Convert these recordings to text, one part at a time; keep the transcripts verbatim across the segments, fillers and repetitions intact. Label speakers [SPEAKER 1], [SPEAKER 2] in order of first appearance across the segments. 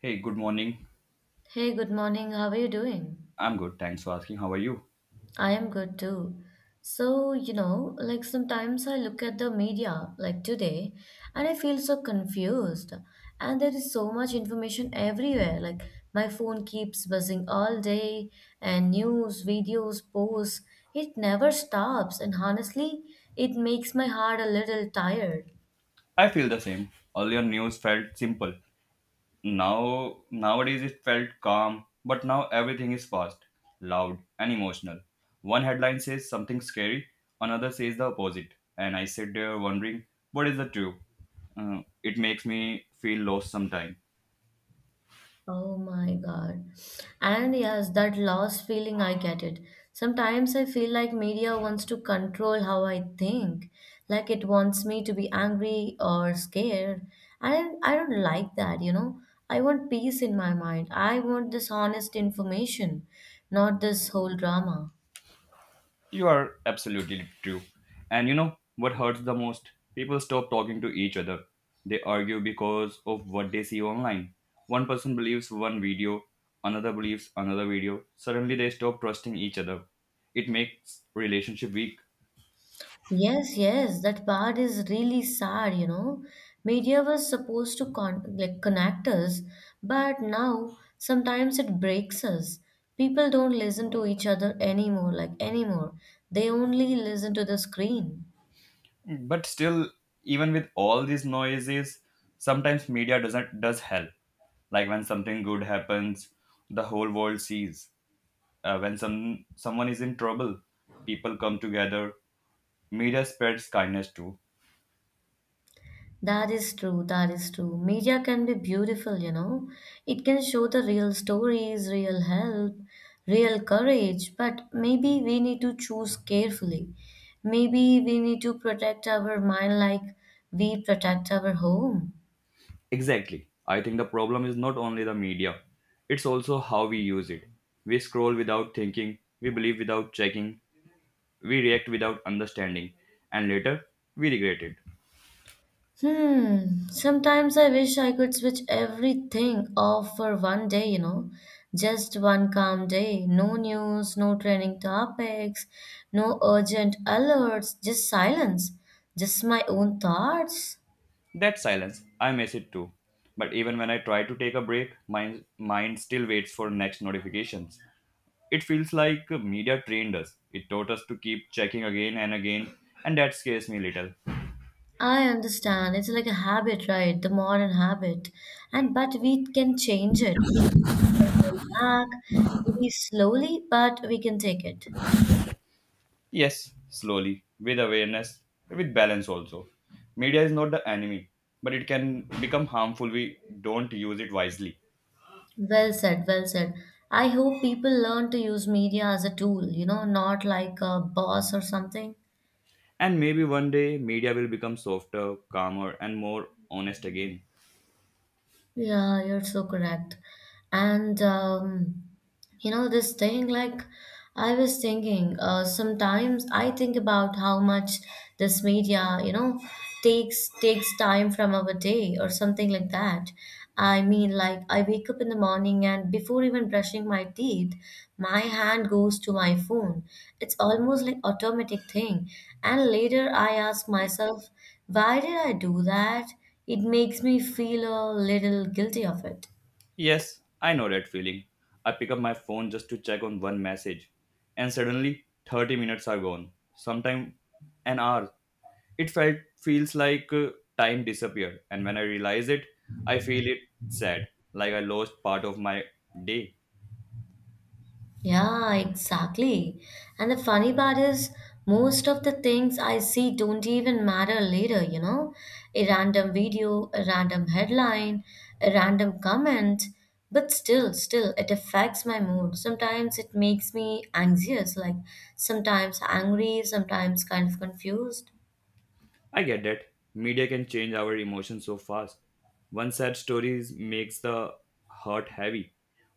[SPEAKER 1] Hey, good morning.
[SPEAKER 2] Hey, good morning. How are you doing?
[SPEAKER 1] I'm good. Thanks for asking. How are you?
[SPEAKER 2] I am good too. So, you know, like sometimes I look at the media, like today, and I feel so confused. And there is so much information everywhere. Like my phone keeps buzzing all day, and news, videos, posts, it never stops. And honestly, it makes my heart a little tired.
[SPEAKER 1] I feel the same. Earlier news felt simple. Now nowadays it felt calm, but now everything is fast, loud, and emotional. One headline says something scary, another says the opposite, and I sit there wondering what is the truth. Uh, it makes me feel lost sometimes.
[SPEAKER 2] Oh my God. And yes, that loss feeling, I get it. Sometimes I feel like media wants to control how I think, like it wants me to be angry or scared. And I don't like that, you know. I want peace in my mind. I want this honest information, not this whole drama.
[SPEAKER 1] You are absolutely true. And you know what hurts the most? People stop talking to each other. They argue because of what they see online. One person believes one video, another believes another video. Suddenly they stop trusting each other. It makes relationship weak.
[SPEAKER 2] Yes, yes, that part is really sad, you know. Media was supposed to con like connect us, but now sometimes it breaks us. People don't listen to each other anymore, like anymore. They only listen to the screen.
[SPEAKER 1] But still, even with all these noises, sometimes media doesn't does help. Like when something good happens, the whole world sees. Uh, when some someone is in trouble, people come together. Media spreads kindness too.
[SPEAKER 2] That is true, that is true. Media can be beautiful, you know. It can show the real stories, real help, real courage, but maybe we need to choose carefully. Maybe we need to protect our mind like we protect our home.
[SPEAKER 1] Exactly. I think the problem is not only the media, it's also how we use it. We scroll without thinking, we believe without checking, we react without understanding, and later we regret it.
[SPEAKER 2] Hmm. Sometimes I wish I could switch everything off for one day, you know, just one calm day. No news, no trending topics, no urgent alerts, just silence, just my own thoughts.
[SPEAKER 1] That silence, I miss it too. But even when I try to take a break, my mind still waits for next notifications. It feels like media trained us. It taught us to keep checking again and again, and that scares me little.
[SPEAKER 2] I understand. It's like a habit, right? The modern habit. And but we can change it. We can take control back, maybe slowly, but we can take it.
[SPEAKER 1] Yes, slowly, with awareness, with balance also. Media is not the enemy, but it can become harmful we don't use it wisely.
[SPEAKER 2] Well said, well said. I hope people learn to use media as a tool, you know, not like a boss or something.
[SPEAKER 1] And maybe one day media will become softer, calmer, and more honest again.
[SPEAKER 2] Yeah, you're so correct. And um, You know, this thing, like, I was thinking, uh, sometimes I think about how much this media, you know, takes takes time from our day or something like that. I mean, like, I wake up in the morning and before even brushing my teeth, my hand goes to my phone. It's almost like automatic thing. And later I ask myself, why did I do that? It makes me feel a little guilty of it.
[SPEAKER 1] Yes, I know that feeling. I pick up my phone just to check on one message, and suddenly thirty minutes are gone. Sometimes an hour. It felt feels like uh, time disappeared, and when I realize it, I feel it sad, like I lost part of my day.
[SPEAKER 2] Yeah, exactly. And the funny part is, most of the things I see don't even matter later, you know? A random video, a random headline, a random comment. But still, still, it affects my mood. Sometimes it makes me anxious, like sometimes angry, sometimes kind of confused.
[SPEAKER 1] I get that. Media can change our emotions so fast. One sad story is- makes the heart heavy.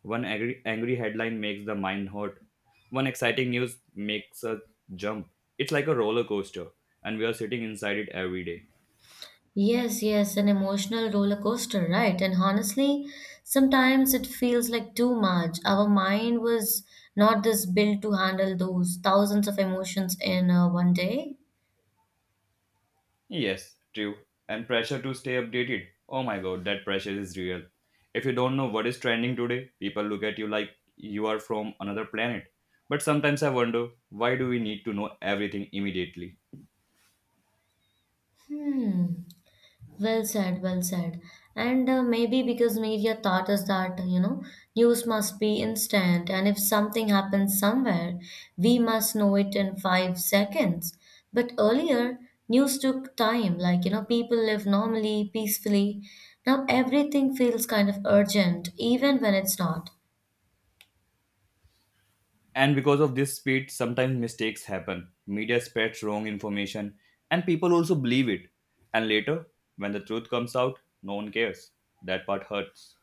[SPEAKER 1] One angry, angry headline makes the mind hurt. One exciting news makes us jump. It's like a roller coaster, and we are sitting inside it every day.
[SPEAKER 2] Yes, yes, an emotional roller coaster, right? And honestly, sometimes it feels like too much. Our mind was not this built to handle those thousands of emotions in uh, one day.
[SPEAKER 1] Yes, true. And pressure to stay updated. Oh my god, that pressure is real. If you don't know what is trending today, people look at you like you are from another planet. But sometimes I wonder why do we need to know everything immediately?
[SPEAKER 2] Hmm. Well said, well said. And uh, maybe because media taught us that, you know, news must be instant, and if something happens somewhere, we must know it in five seconds. But earlier, news took time, like, you know, people live normally, peacefully. Now everything feels kind of urgent, even when it's not.
[SPEAKER 1] And because of this speed, sometimes mistakes happen. Media spreads wrong information, and people also believe it. And later, when the truth comes out, no one cares. That part hurts.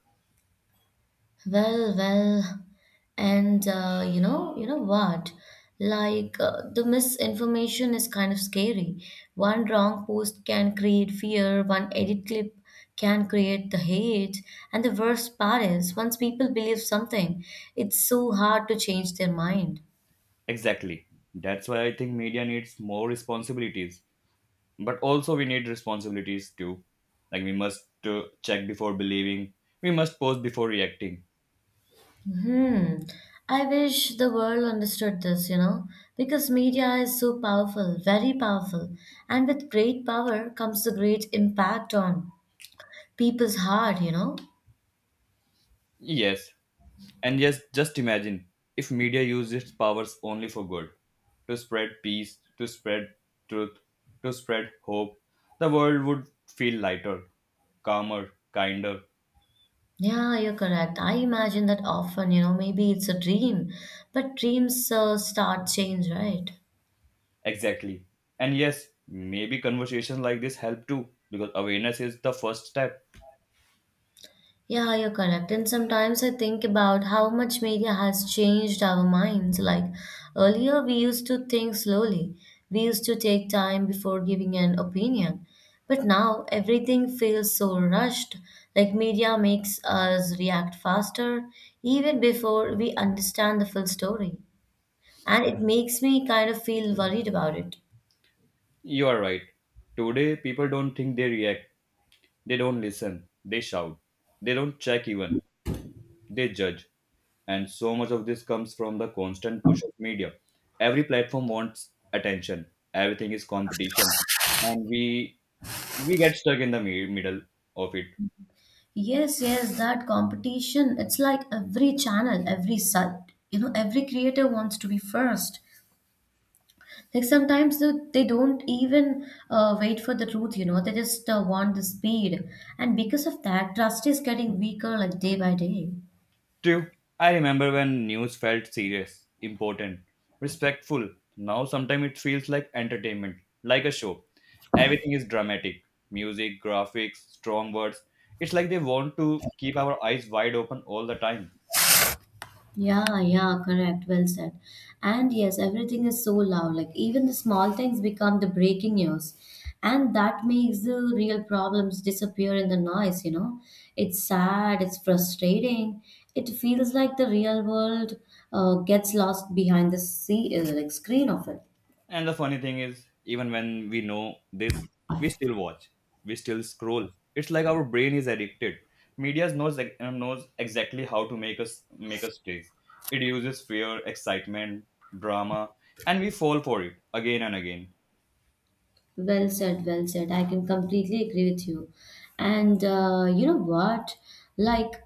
[SPEAKER 2] Well, well, and uh, you know, you know what? Like uh, the misinformation is kind of scary. One wrong post can create fear, one edit clip can create the hate, and the worst part is once people believe something, it's so hard to change their mind.
[SPEAKER 1] Exactly. That's why I think media needs more responsibilities. But also, we need responsibilities too. Like, we must uh, check before believing, we must pause before reacting.
[SPEAKER 2] Hmm. I wish the world understood this, you know, because media is so powerful, very powerful, and with great power comes the great impact on people's heart, you know.
[SPEAKER 1] Yes, and yes, just imagine if media used its powers only for good to spread peace, to spread truth, to spread hope, the world would feel lighter, calmer, kinder.
[SPEAKER 2] Yeah, you're correct. I imagine that often, you know, maybe it's a dream, but dreams uh, start change, right?
[SPEAKER 1] Exactly. And yes, maybe conversations like this help too, because awareness is the first step.
[SPEAKER 2] Yeah, you're correct. And sometimes I think about how much media has changed our minds. Like earlier, we used to think slowly, we used to take time before giving an opinion. But now everything feels so rushed. Like media makes us react faster, even before we understand the full story, and it makes me kind of feel worried about it.
[SPEAKER 1] You are right. Today, people don't think they react, they don't listen, they shout, they don't check even. They judge. And so much of this comes from the constant push of media. Every platform wants attention. Everything is competition, and we we get stuck in the mi- middle of it.
[SPEAKER 2] Yes, yes, that competition, it's like every channel, every site, you know, every creator wants to be first. Like sometimes they, they don't even uh, wait for the truth, you know, they just uh, want the speed. And because of that, trust is getting weaker like day by day.
[SPEAKER 1] True. I remember when news felt serious, important, respectful. Now sometimes it feels like entertainment, like a show. Everything is dramatic. Music, graphics, strong words. It's like they want to keep our eyes wide open all the time.
[SPEAKER 2] Yeah, yeah, correct. Well said. And yes, everything is so loud. Like even the small things become the breaking news. And that makes the real problems disappear in the noise, you know. It's sad, it's frustrating. It feels like the real world uh, gets lost behind the sea, uh, like screen of it.
[SPEAKER 1] And the funny thing is, even when we know this, we still watch, we still scroll. It's like our brain is addicted. Media knows ex- uh, knows exactly how to make us make us chase. It uses fear, excitement, drama, and we fall for it again and again.
[SPEAKER 2] Well said, well said. I can completely agree with you. And uh, you know what? Like,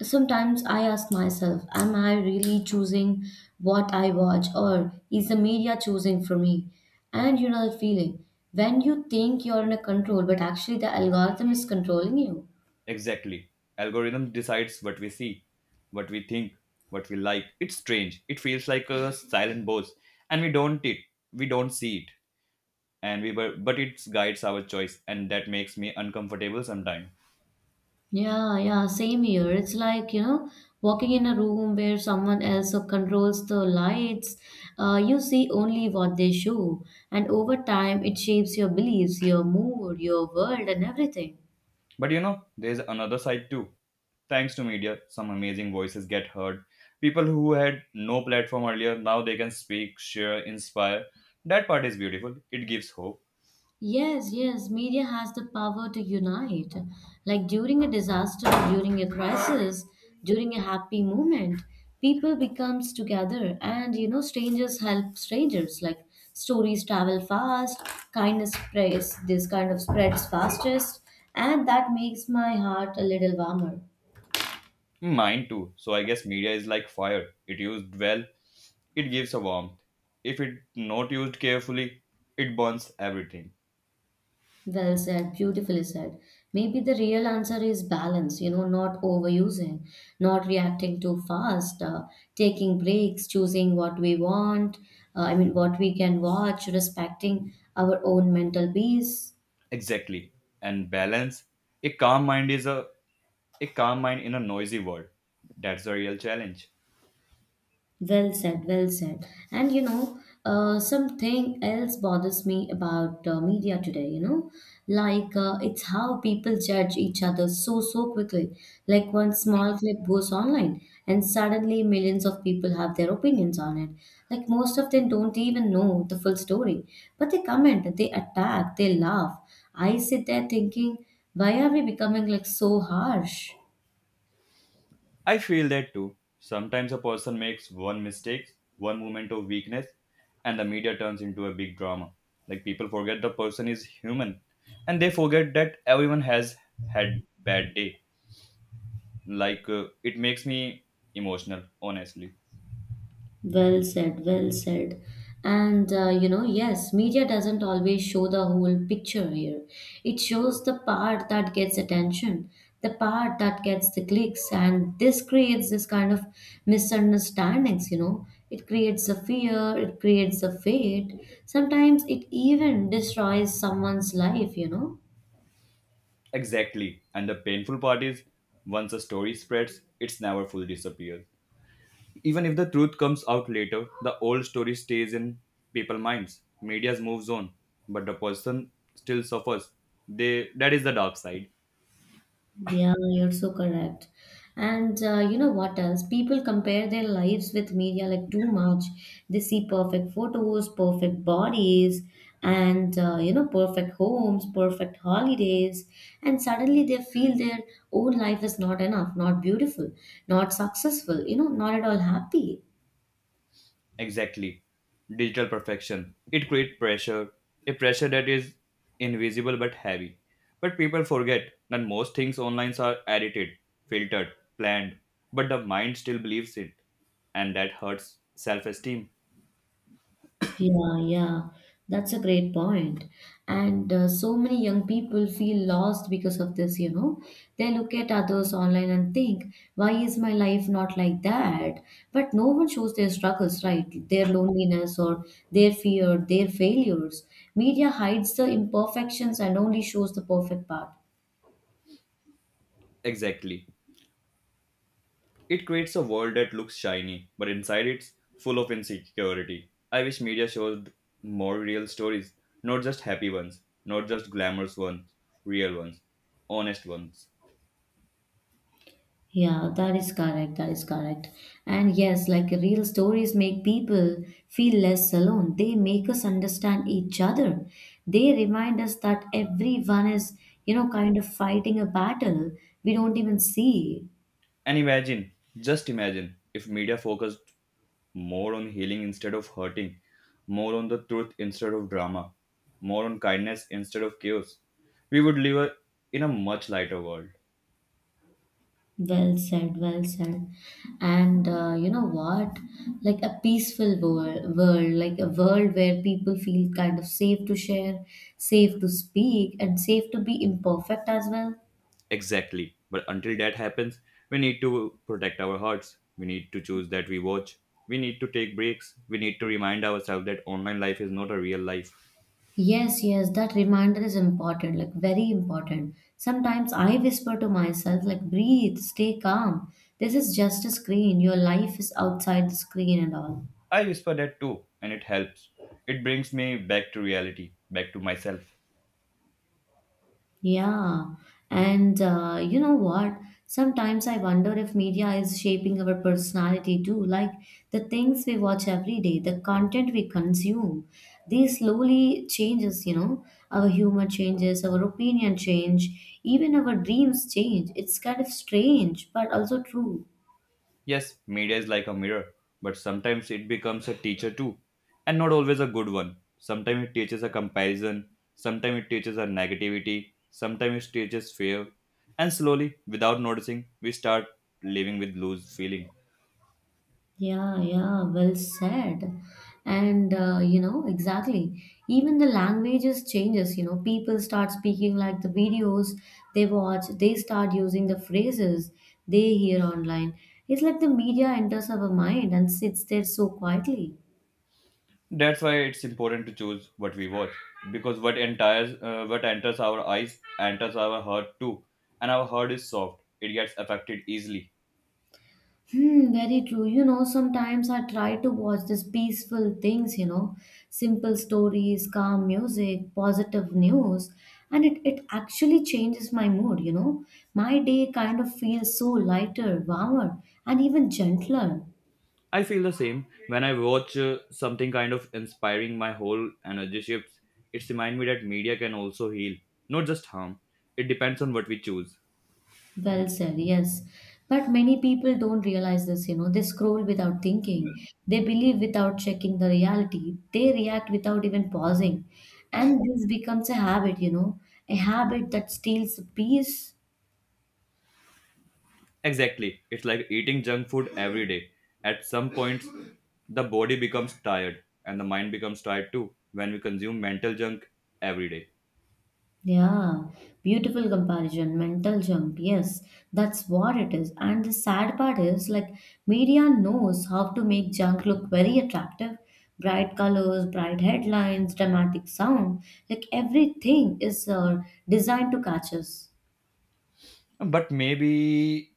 [SPEAKER 2] sometimes I ask myself, am I really choosing what I watch, or is the media choosing for me? And you know the feeling when you think you're in a control, but actually the algorithm is controlling you.
[SPEAKER 1] Exactly, algorithm decides what we see, what we think, what we like. It's strange. It feels like a silent boss, and we don't it we don't see it, and we but but it guides our choice, and that makes me uncomfortable sometimes.
[SPEAKER 2] Yeah, yeah, same here. It's like, you know, walking in a room where someone else uh, controls the lights. Uh, you see only what they show, and over time, it shapes your beliefs, your mood, your world, and everything.
[SPEAKER 1] But you know, there's another side too. Thanks to media, some amazing voices get heard. People who had no platform earlier, now they can speak, share, inspire. That part is beautiful. It gives hope.
[SPEAKER 2] Yes, yes, media has the power to unite. Like during a disaster, during a crisis, during a happy moment, people becomes together and you know strangers help strangers. Like stories travel fast, kindness spreads this kind of spreads fastest and that makes my heart a little warmer.
[SPEAKER 1] Mine too. So I guess media is like fire. It used well, it gives a warmth. If it not used carefully, it burns everything.
[SPEAKER 2] Well said, beautifully said. Maybe the real answer is balance, you know, not overusing, not reacting too fast, uh, taking breaks, choosing what we want, uh, I mean, what we can watch, respecting our own mental peace.
[SPEAKER 1] Exactly. And balance. A calm mind is a a calm mind in a noisy world. That's the real challenge.
[SPEAKER 2] Well said, well said. And you know, uh, something else bothers me about uh, media today, you know, like uh, it's how people judge each other so, so quickly. Like one small clip goes online, and suddenly millions of people have their opinions on it. Like most of them don't even know the full story, but they comment, they attack, they laugh. I sit there thinking, why are we becoming like so harsh?
[SPEAKER 1] I feel that too. Sometimes a person makes one mistake, one moment of weakness, and the media turns into a big drama. Like people forget the person is human and they forget that everyone has had bad day. Like uh, it makes me emotional, honestly.
[SPEAKER 2] Well said, well said. And uh, you know, yes, media doesn't always show the whole picture here. It shows the part that gets attention, the part that gets the clicks, and this creates this kind of misunderstandings, you know. It creates a fear, it creates a fate. Sometimes it even destroys someone's life, you know.
[SPEAKER 1] Exactly. And the painful part is once a story spreads, it's never fully disappears. Even if the truth comes out later, the old story stays in people's minds. Media moves on, but the person still suffers. They, that is the dark side.
[SPEAKER 2] Yeah, you're so correct. And uh, you know what else? People compare their lives with media like too much. They see perfect photos, perfect bodies, and uh, you know, perfect homes, perfect holidays. And suddenly they feel their own life is not enough, not beautiful, not successful, you know, not at all happy.
[SPEAKER 1] Exactly. Digital perfection. It creates pressure, a pressure that is invisible but heavy. But people forget that most things online are edited, filtered, planned, but the mind still believes it, and that hurts self esteem.
[SPEAKER 2] Yeah, yeah, that's a great point. And uh, so many young people feel lost because of this, you know. They look at others online and think, why is my life not like that? But no one shows their struggles, right? Their loneliness or their fear, their failures. Media hides the imperfections and only shows the perfect part.
[SPEAKER 1] Exactly. It creates a world that looks shiny, but inside it's full of insecurity. I wish media showed more real stories, not just happy ones, not just glamorous ones, real ones, honest ones.
[SPEAKER 2] Yeah, that is correct. That is correct. And yes, like real stories make people feel less alone. They make us understand each other. They remind us that everyone is, you know, kind of fighting a battle we don't even see.
[SPEAKER 1] And imagine, just imagine, if media focused more on healing instead of hurting, more on the truth instead of drama, more on kindness instead of chaos, we would live a- in a much lighter world.
[SPEAKER 2] Well said, well said. And uh, you know what? Like a peaceful world, world, like a world where people feel kind of safe to share, safe to speak, and safe to be imperfect as well.
[SPEAKER 1] Exactly. But until that happens, we need to protect our hearts. We need to choose that we watch. We need to take breaks. We need to remind ourselves that online life is not a real life.
[SPEAKER 2] Yes, yes, that reminder is important, like very important. Sometimes I whisper to myself, like, breathe, stay calm. This is just a screen. Your life is outside the screen and all.
[SPEAKER 1] I whisper that too, and it helps. It brings me back to reality, back to myself.
[SPEAKER 2] Yeah, and uh, you know what? Sometimes I wonder if media is shaping our personality too, like the things we watch every day, the content we consume. They slowly changes, you know, our humor changes, our opinion change, even our dreams change. It's kind of strange, but also true.
[SPEAKER 1] Yes, media is like a mirror, but sometimes it becomes a teacher too, and not always a good one. Sometimes it teaches a comparison, sometimes it teaches a negativity, sometimes it teaches fear, and slowly, without noticing, we start living with loose feeling.
[SPEAKER 2] Yeah, yeah, well said. And uh, you know, exactly. Even the languages changes, you know, people start speaking like the videos they watch, they start using the phrases they hear online. It's like the media enters our mind and sits there so quietly.
[SPEAKER 1] That's why it's important to choose what we watch, because what entires, uh, what enters our eyes enters our heart too, and our heart is soft; it gets affected easily.
[SPEAKER 2] Hmm, very true. You know, sometimes I try to watch these peaceful things, you know, simple stories, calm music, positive news, and it, it actually changes my mood, you know. My day kind of feels so lighter, warmer, and even gentler.
[SPEAKER 1] I feel the same when I watch uh, something kind of inspiring my whole energy shifts. It's remind me that media can also heal, not just harm. It depends on what we choose.
[SPEAKER 2] Well said, yes. But many people don't realize this, you know. They scroll without thinking. They believe without checking the reality. They react without even pausing. And this becomes a habit, you know, a habit that steals peace.
[SPEAKER 1] Exactly. It's like eating junk food every day. At some point, the body becomes tired and the mind becomes tired too when we consume mental junk every day.
[SPEAKER 2] Yeah, beautiful comparison, mental jump. Yes, that's what it is. And the sad part is, like, media knows how to make junk look very attractive. Bright colors, bright headlines, dramatic sound. Like, everything is uh, designed to catch us.
[SPEAKER 1] But maybe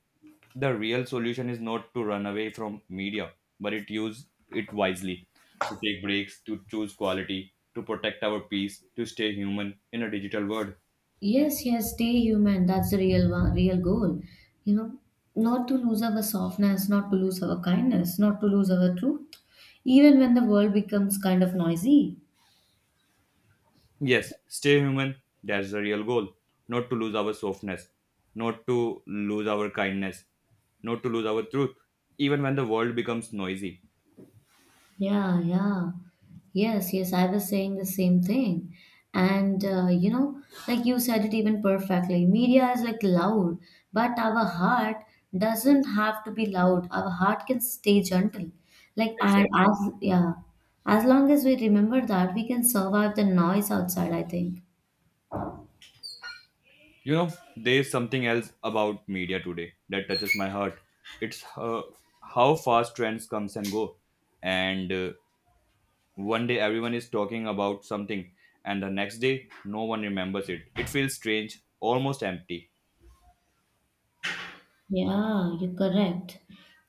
[SPEAKER 1] the real solution is not to run away from media, but it use it wisely, to take breaks, to choose quality, to protect our peace, to stay human in a digital world.
[SPEAKER 2] Yes, yes, stay human. That's the real one, real goal. You know, not to lose our softness, not to lose our kindness, not to lose our truth, even when the world becomes kind of noisy.
[SPEAKER 1] Yes, stay human. That's the real goal. Not to lose our softness, not to lose our kindness, not to lose our truth, even when the world becomes noisy.
[SPEAKER 2] Yeah, yeah. Yes, yes, I was saying the same thing. And uh, you know, like you said it even perfectly. Media is like loud, but our heart doesn't have to be loud. Our heart can stay gentle. Like and as yeah, as long as we remember that, we can survive the noise outside, I think.
[SPEAKER 1] You know, there's something else about media today that touches my heart. It's uh, how fast trends comes and go. And uh, One day everyone is talking about something and the next day no one remembers it. It feels strange, almost empty.
[SPEAKER 2] Yeah, you're correct.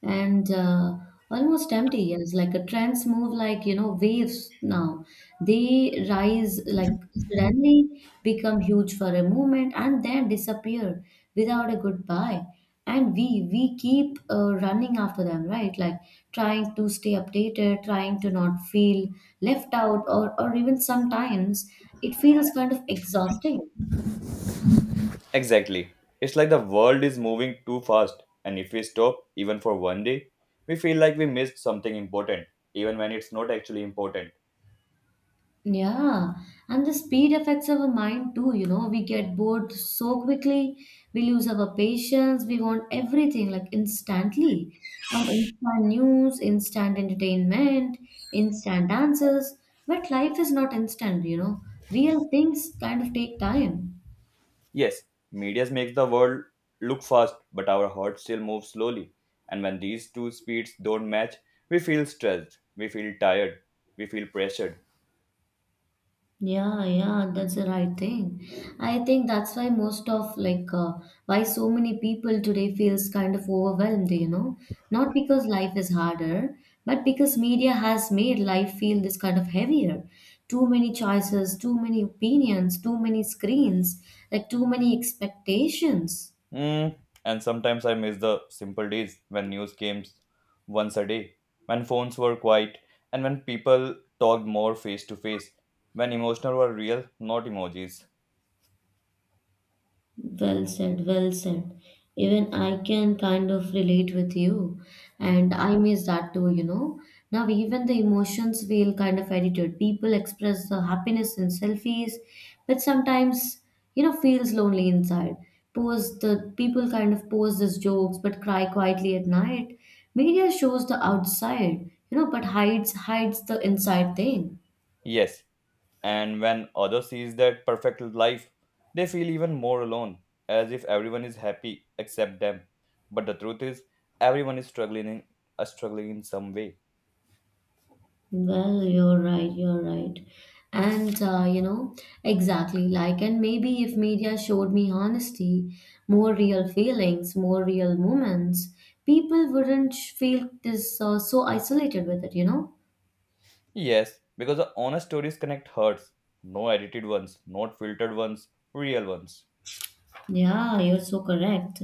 [SPEAKER 2] And uh, almost empty, yes. Like a trends move like, you know, waves now. They rise like suddenly, become huge for a moment, and then disappear without a goodbye. And we we keep uh, running after them, right? Like trying to stay updated, trying to not feel left out, or or even sometimes it feels kind of exhausting.
[SPEAKER 1] Exactly. It's like the world is moving too fast and if we stop even for one day, we feel like we missed something important even when it's not actually important.
[SPEAKER 2] Yeah, and the speed affects our mind too, you know. We get bored so quickly, we lose our patience, we want everything like instantly. And instant news, instant entertainment, instant answers. But life is not instant, you know. Real things kind of take time.
[SPEAKER 1] Yes, media makes the world look fast, but our heart still moves slowly. And when these two speeds don't match, we feel stressed, we feel tired, we feel pressured.
[SPEAKER 2] Yeah, yeah, that's the right thing. I think that's why most of like uh, why so many people today feels kind of overwhelmed, you know, not because life is harder, but because media has made life feel this kind of heavier. Too many choices, too many opinions, too many screens, like too many expectations.
[SPEAKER 1] Mm. And sometimes I miss the simple days when news came once a day, when phones were quiet, and when people talked more face to face, when emotional were real, not emojis.
[SPEAKER 2] Well said, well said. Even I can kind of relate with you, and I miss that too, you know. Now, even the emotions feel kind of edited. People express the happiness in selfies, but sometimes, you know, feels lonely inside. Pose the people kind of pose as jokes but cry quietly at night. Media shows the outside, you know, but hides hides the inside thing.
[SPEAKER 1] Yes, and when others sees that perfect life they feel even more alone as if everyone is happy except them but the truth is everyone is struggling in, uh, struggling in some way.
[SPEAKER 2] Well, you're right, you're right. And, uh, you know, exactly like, and maybe if media showed me honesty, more real feelings, more real moments, people wouldn't sh- feel this uh, so isolated with it, you know?
[SPEAKER 1] Yes, because the honest stories connect hearts, no edited ones, not filtered ones, real ones.
[SPEAKER 2] Yeah, you're so correct.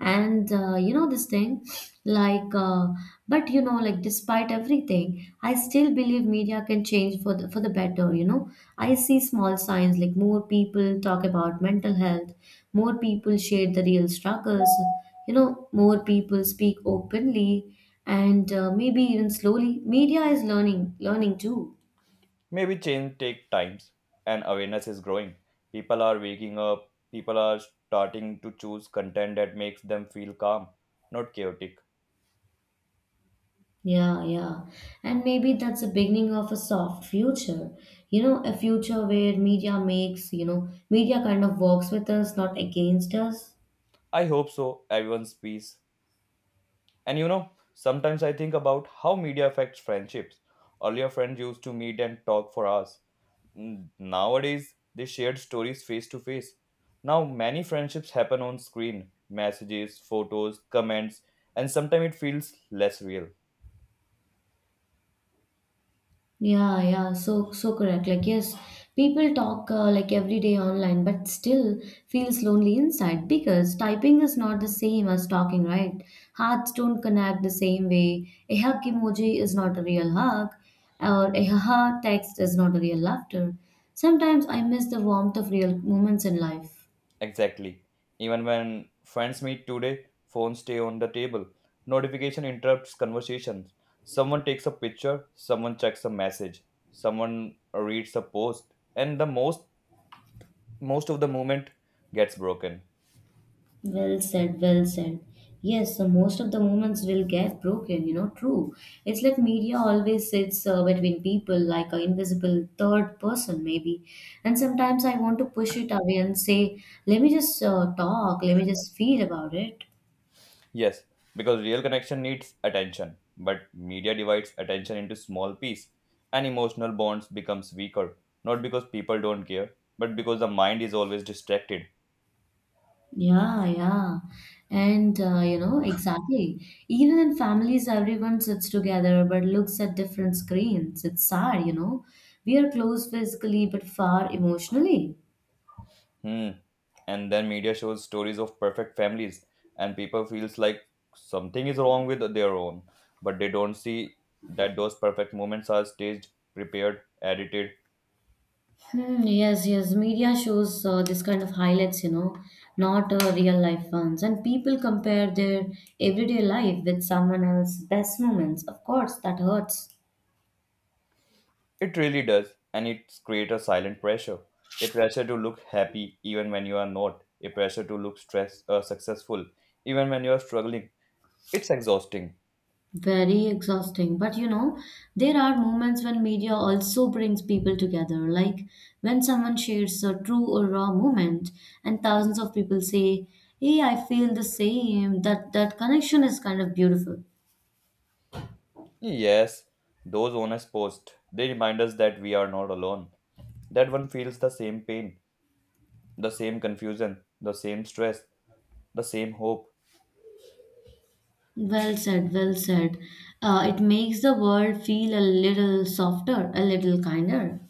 [SPEAKER 2] And uh, you know this thing, like, uh, but you know, like, despite everything, I still believe media can change for the for the better. You know, I see small signs like more people talk about mental health, more people share the real struggles. You know, more people speak openly, and uh, maybe even slowly, media is learning, learning too.
[SPEAKER 1] Maybe change take times and awareness is growing, people are waking up, people are starting to choose content that makes them feel calm, not chaotic.
[SPEAKER 2] Yeah, yeah. And maybe that's the beginning of a soft future. You know, a future where media makes, you know, media kind of works with us, not against us.
[SPEAKER 1] I hope so, everyone's peace. And you know, sometimes I think about how media affects friendships. Earlier, friends used to meet and talk for hours. N- Nowadays, they shared stories face to face. Now, many friendships happen on screen messages, photos, comments, and sometimes it feels less real.
[SPEAKER 2] Yeah, yeah, so so correct. Like yes, people talk uh, like every day online, but still feels lonely inside because typing is not the same as talking, right? Hearts don't connect the same way. A hug emoji is not a real hug, or a haha text is not a real laughter. Sometimes I miss the warmth of real moments in life.
[SPEAKER 1] Exactly. Even when friends meet today, phones stay on the table. Notification interrupts conversations. Someone takes a picture, someone checks a message, someone reads a post, and the most most of the movement gets broken.
[SPEAKER 2] Well said, well said. Yes, so most of the moments will get broken, you know, true. It's like media always sits uh, between people like an invisible third person, maybe. And sometimes I want to push it away and say, let me just uh, talk, let me just feel about it.
[SPEAKER 1] Yes, because real connection needs attention, but media divides attention into small pieces, and emotional bonds becomes weaker, not because people don't care, but because the mind is always distracted.
[SPEAKER 2] Yeah, yeah. And, uh, you know, exactly. Even in families, everyone sits together but looks at different screens. It's sad, you know. We are close physically but far emotionally.
[SPEAKER 1] Hmm. And then media shows stories of perfect families, and people feels like something is wrong with their own, but they don't see that those perfect moments are staged, prepared, edited.
[SPEAKER 2] Hmm, yes, yes. Media shows uh, this kind of highlights, you know, not uh, real life ones. And people compare their everyday life with someone else's best moments. Of course, that hurts.
[SPEAKER 1] It really does, and it creates a silent pressure. A pressure to look happy even when you are not, a pressure to look stress uh, successful even when you are struggling. It's exhausting.
[SPEAKER 2] Very exhausting. But you know, there are moments when media also brings people together, like when someone shares a true or raw moment, and thousands of people say, Hey, I feel the same. That that connection is kind of beautiful.
[SPEAKER 1] Yes, those honest posts, they remind us that we are not alone. That one feels the same pain, the same confusion, the same stress, the same hope.
[SPEAKER 2] Well said, well said. Uh, it makes the world feel a little softer, a little kinder.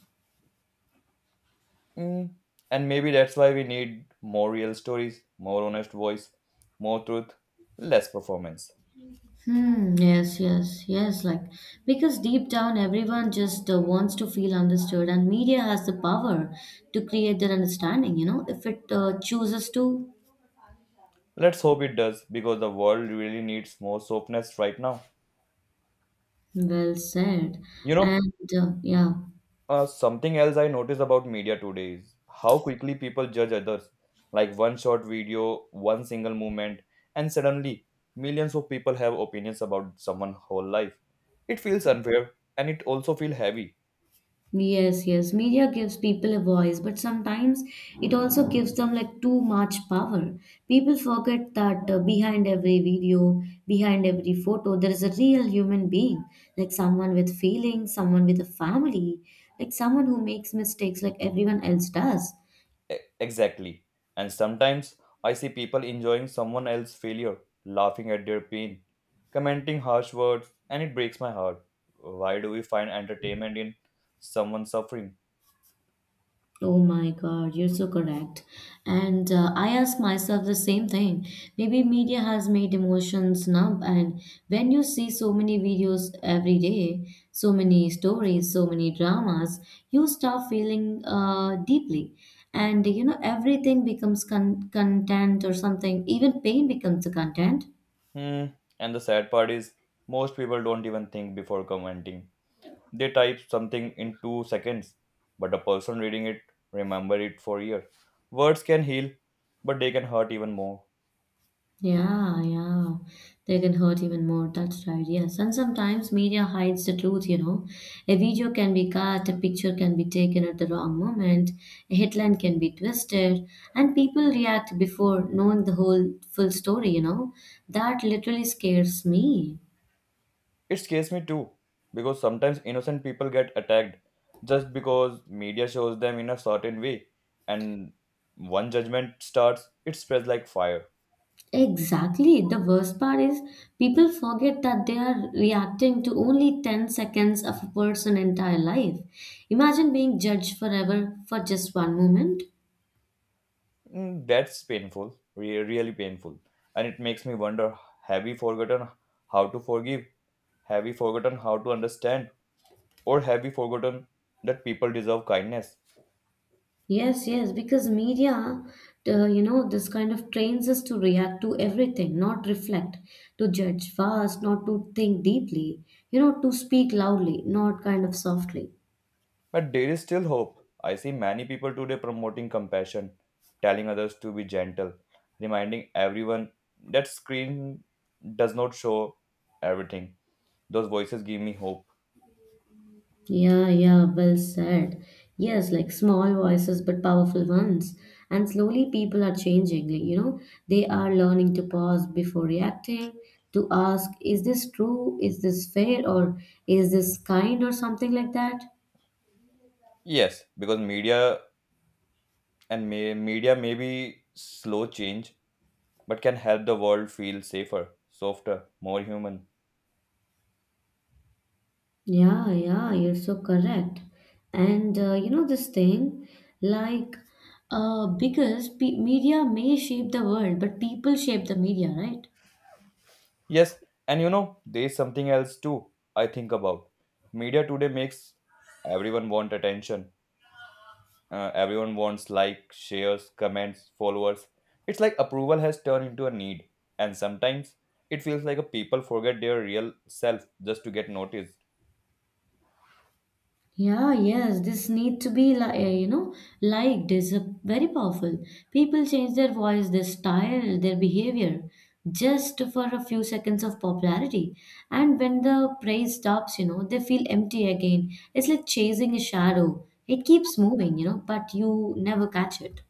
[SPEAKER 1] Mm. And maybe that's why we need more real stories, more honest voice, more truth, less performance.
[SPEAKER 2] Hmm, yes, yes, yes. Like, because deep down, everyone just uh, wants to feel understood, and media has the power to create that understanding, you know, if it uh, chooses to.
[SPEAKER 1] Let's hope it does, because the world really needs more softness right now.
[SPEAKER 2] Well said.
[SPEAKER 1] You know,
[SPEAKER 2] And uh, yeah.
[SPEAKER 1] uh, something else I noticed about media today is how quickly people judge others. Like one short video, one single movement, and suddenly millions of people have opinions about someone's whole life. It feels unfair and it also feels heavy.
[SPEAKER 2] Yes, yes. Media gives people a voice, but sometimes it also gives them like too much power. People forget that uh, behind every video, behind every photo, there is a real human being, like someone with feelings, someone with a family, like someone who makes mistakes like everyone else does.
[SPEAKER 1] E- Exactly. And sometimes I see people enjoying someone else's failure, laughing at their pain, commenting harsh words, and it breaks my heart. Why do we find entertainment in someone suffering?
[SPEAKER 2] Oh my God, you're so correct. And uh, I ask myself the same thing. Maybe media has made emotions numb, and when you see so many videos every day, so many stories, so many dramas, you start feeling uh, deeply. And you know, everything becomes con- content or something, even pain becomes the content.
[SPEAKER 1] Hmm. And the sad part is, most people don't even think before commenting. They type something in two seconds, but the person reading it remember it for years. Words can heal, but they can hurt even more.
[SPEAKER 2] Yeah, yeah. They can hurt even more. That's right. Yes. And sometimes media hides the truth, you know. A video can be cut, a picture can be taken at the wrong moment, a headline can be twisted, and people react before knowing the whole full story, you know. That literally scares me.
[SPEAKER 1] It scares me too, because sometimes innocent people get attacked just because media shows them in a certain way, and one judgment starts, it spreads like fire.
[SPEAKER 2] Exactly. The worst part is people forget that they are reacting to only ten seconds of a person's entire life. Imagine being judged forever for just one moment.
[SPEAKER 1] Mm. That's painful, re- really painful. And it makes me wonder have we forgotten how to forgive? Have we forgotten how to understand? Or have we forgotten that people deserve kindness?
[SPEAKER 2] Yes, yes, because media, uh, you know, this kind of trains us to react to everything, not reflect, to judge fast, not to think deeply, you know, to speak loudly, not kind of softly.
[SPEAKER 1] But there is still hope. I see many people today promoting compassion, telling others to be gentle, reminding everyone that screen does not show everything. Those voices give me hope.
[SPEAKER 2] Yeah, yeah, well said. Yes, like small voices but powerful ones. And slowly people are changing, like, you know, they are learning to pause before reacting, to ask, is this true? Is this fair? Or is this kind? Or something like that.
[SPEAKER 1] Yes, because media and may, media may be slow change, but can help the world feel safer, softer, more human.
[SPEAKER 2] Yeah, yeah, you're so correct. And uh, you know this thing, like, uh, because pe media may shape the world, but people shape the media, right?
[SPEAKER 1] Yes, and you know, there is something else too I think about. Media today makes everyone want attention. Uh, everyone wants like, shares, comments, followers. It's like approval has turned into a need, and sometimes it feels like a people forget their real self just to get noticed.
[SPEAKER 2] Yeah, yes, this need to be like you know liked is a very powerful. People change their voice, their style, their behavior just for a few seconds of popularity. And when the praise stops, you know, they feel empty again. It's like chasing a shadow. It keeps moving, you know, but you never catch it.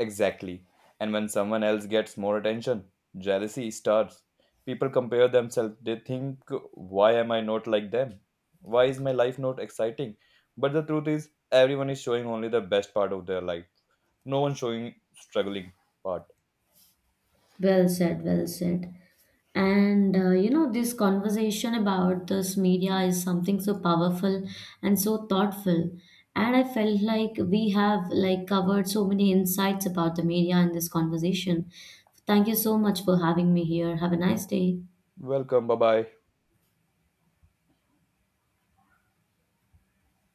[SPEAKER 1] Exactly. And when someone else gets more attention, jealousy starts. People compare themselves. They think, why am I not like them? Why is my life not exciting? But the truth is, everyone is showing only the best part of their life. No one showing struggling part.
[SPEAKER 2] Well said, well said. And uh, you know, this conversation about this media is something so powerful and so thoughtful. And I felt like we have like covered so many insights about the media in this conversation. Thank you so much for having me here. Have a nice day.
[SPEAKER 1] Welcome. Bye bye.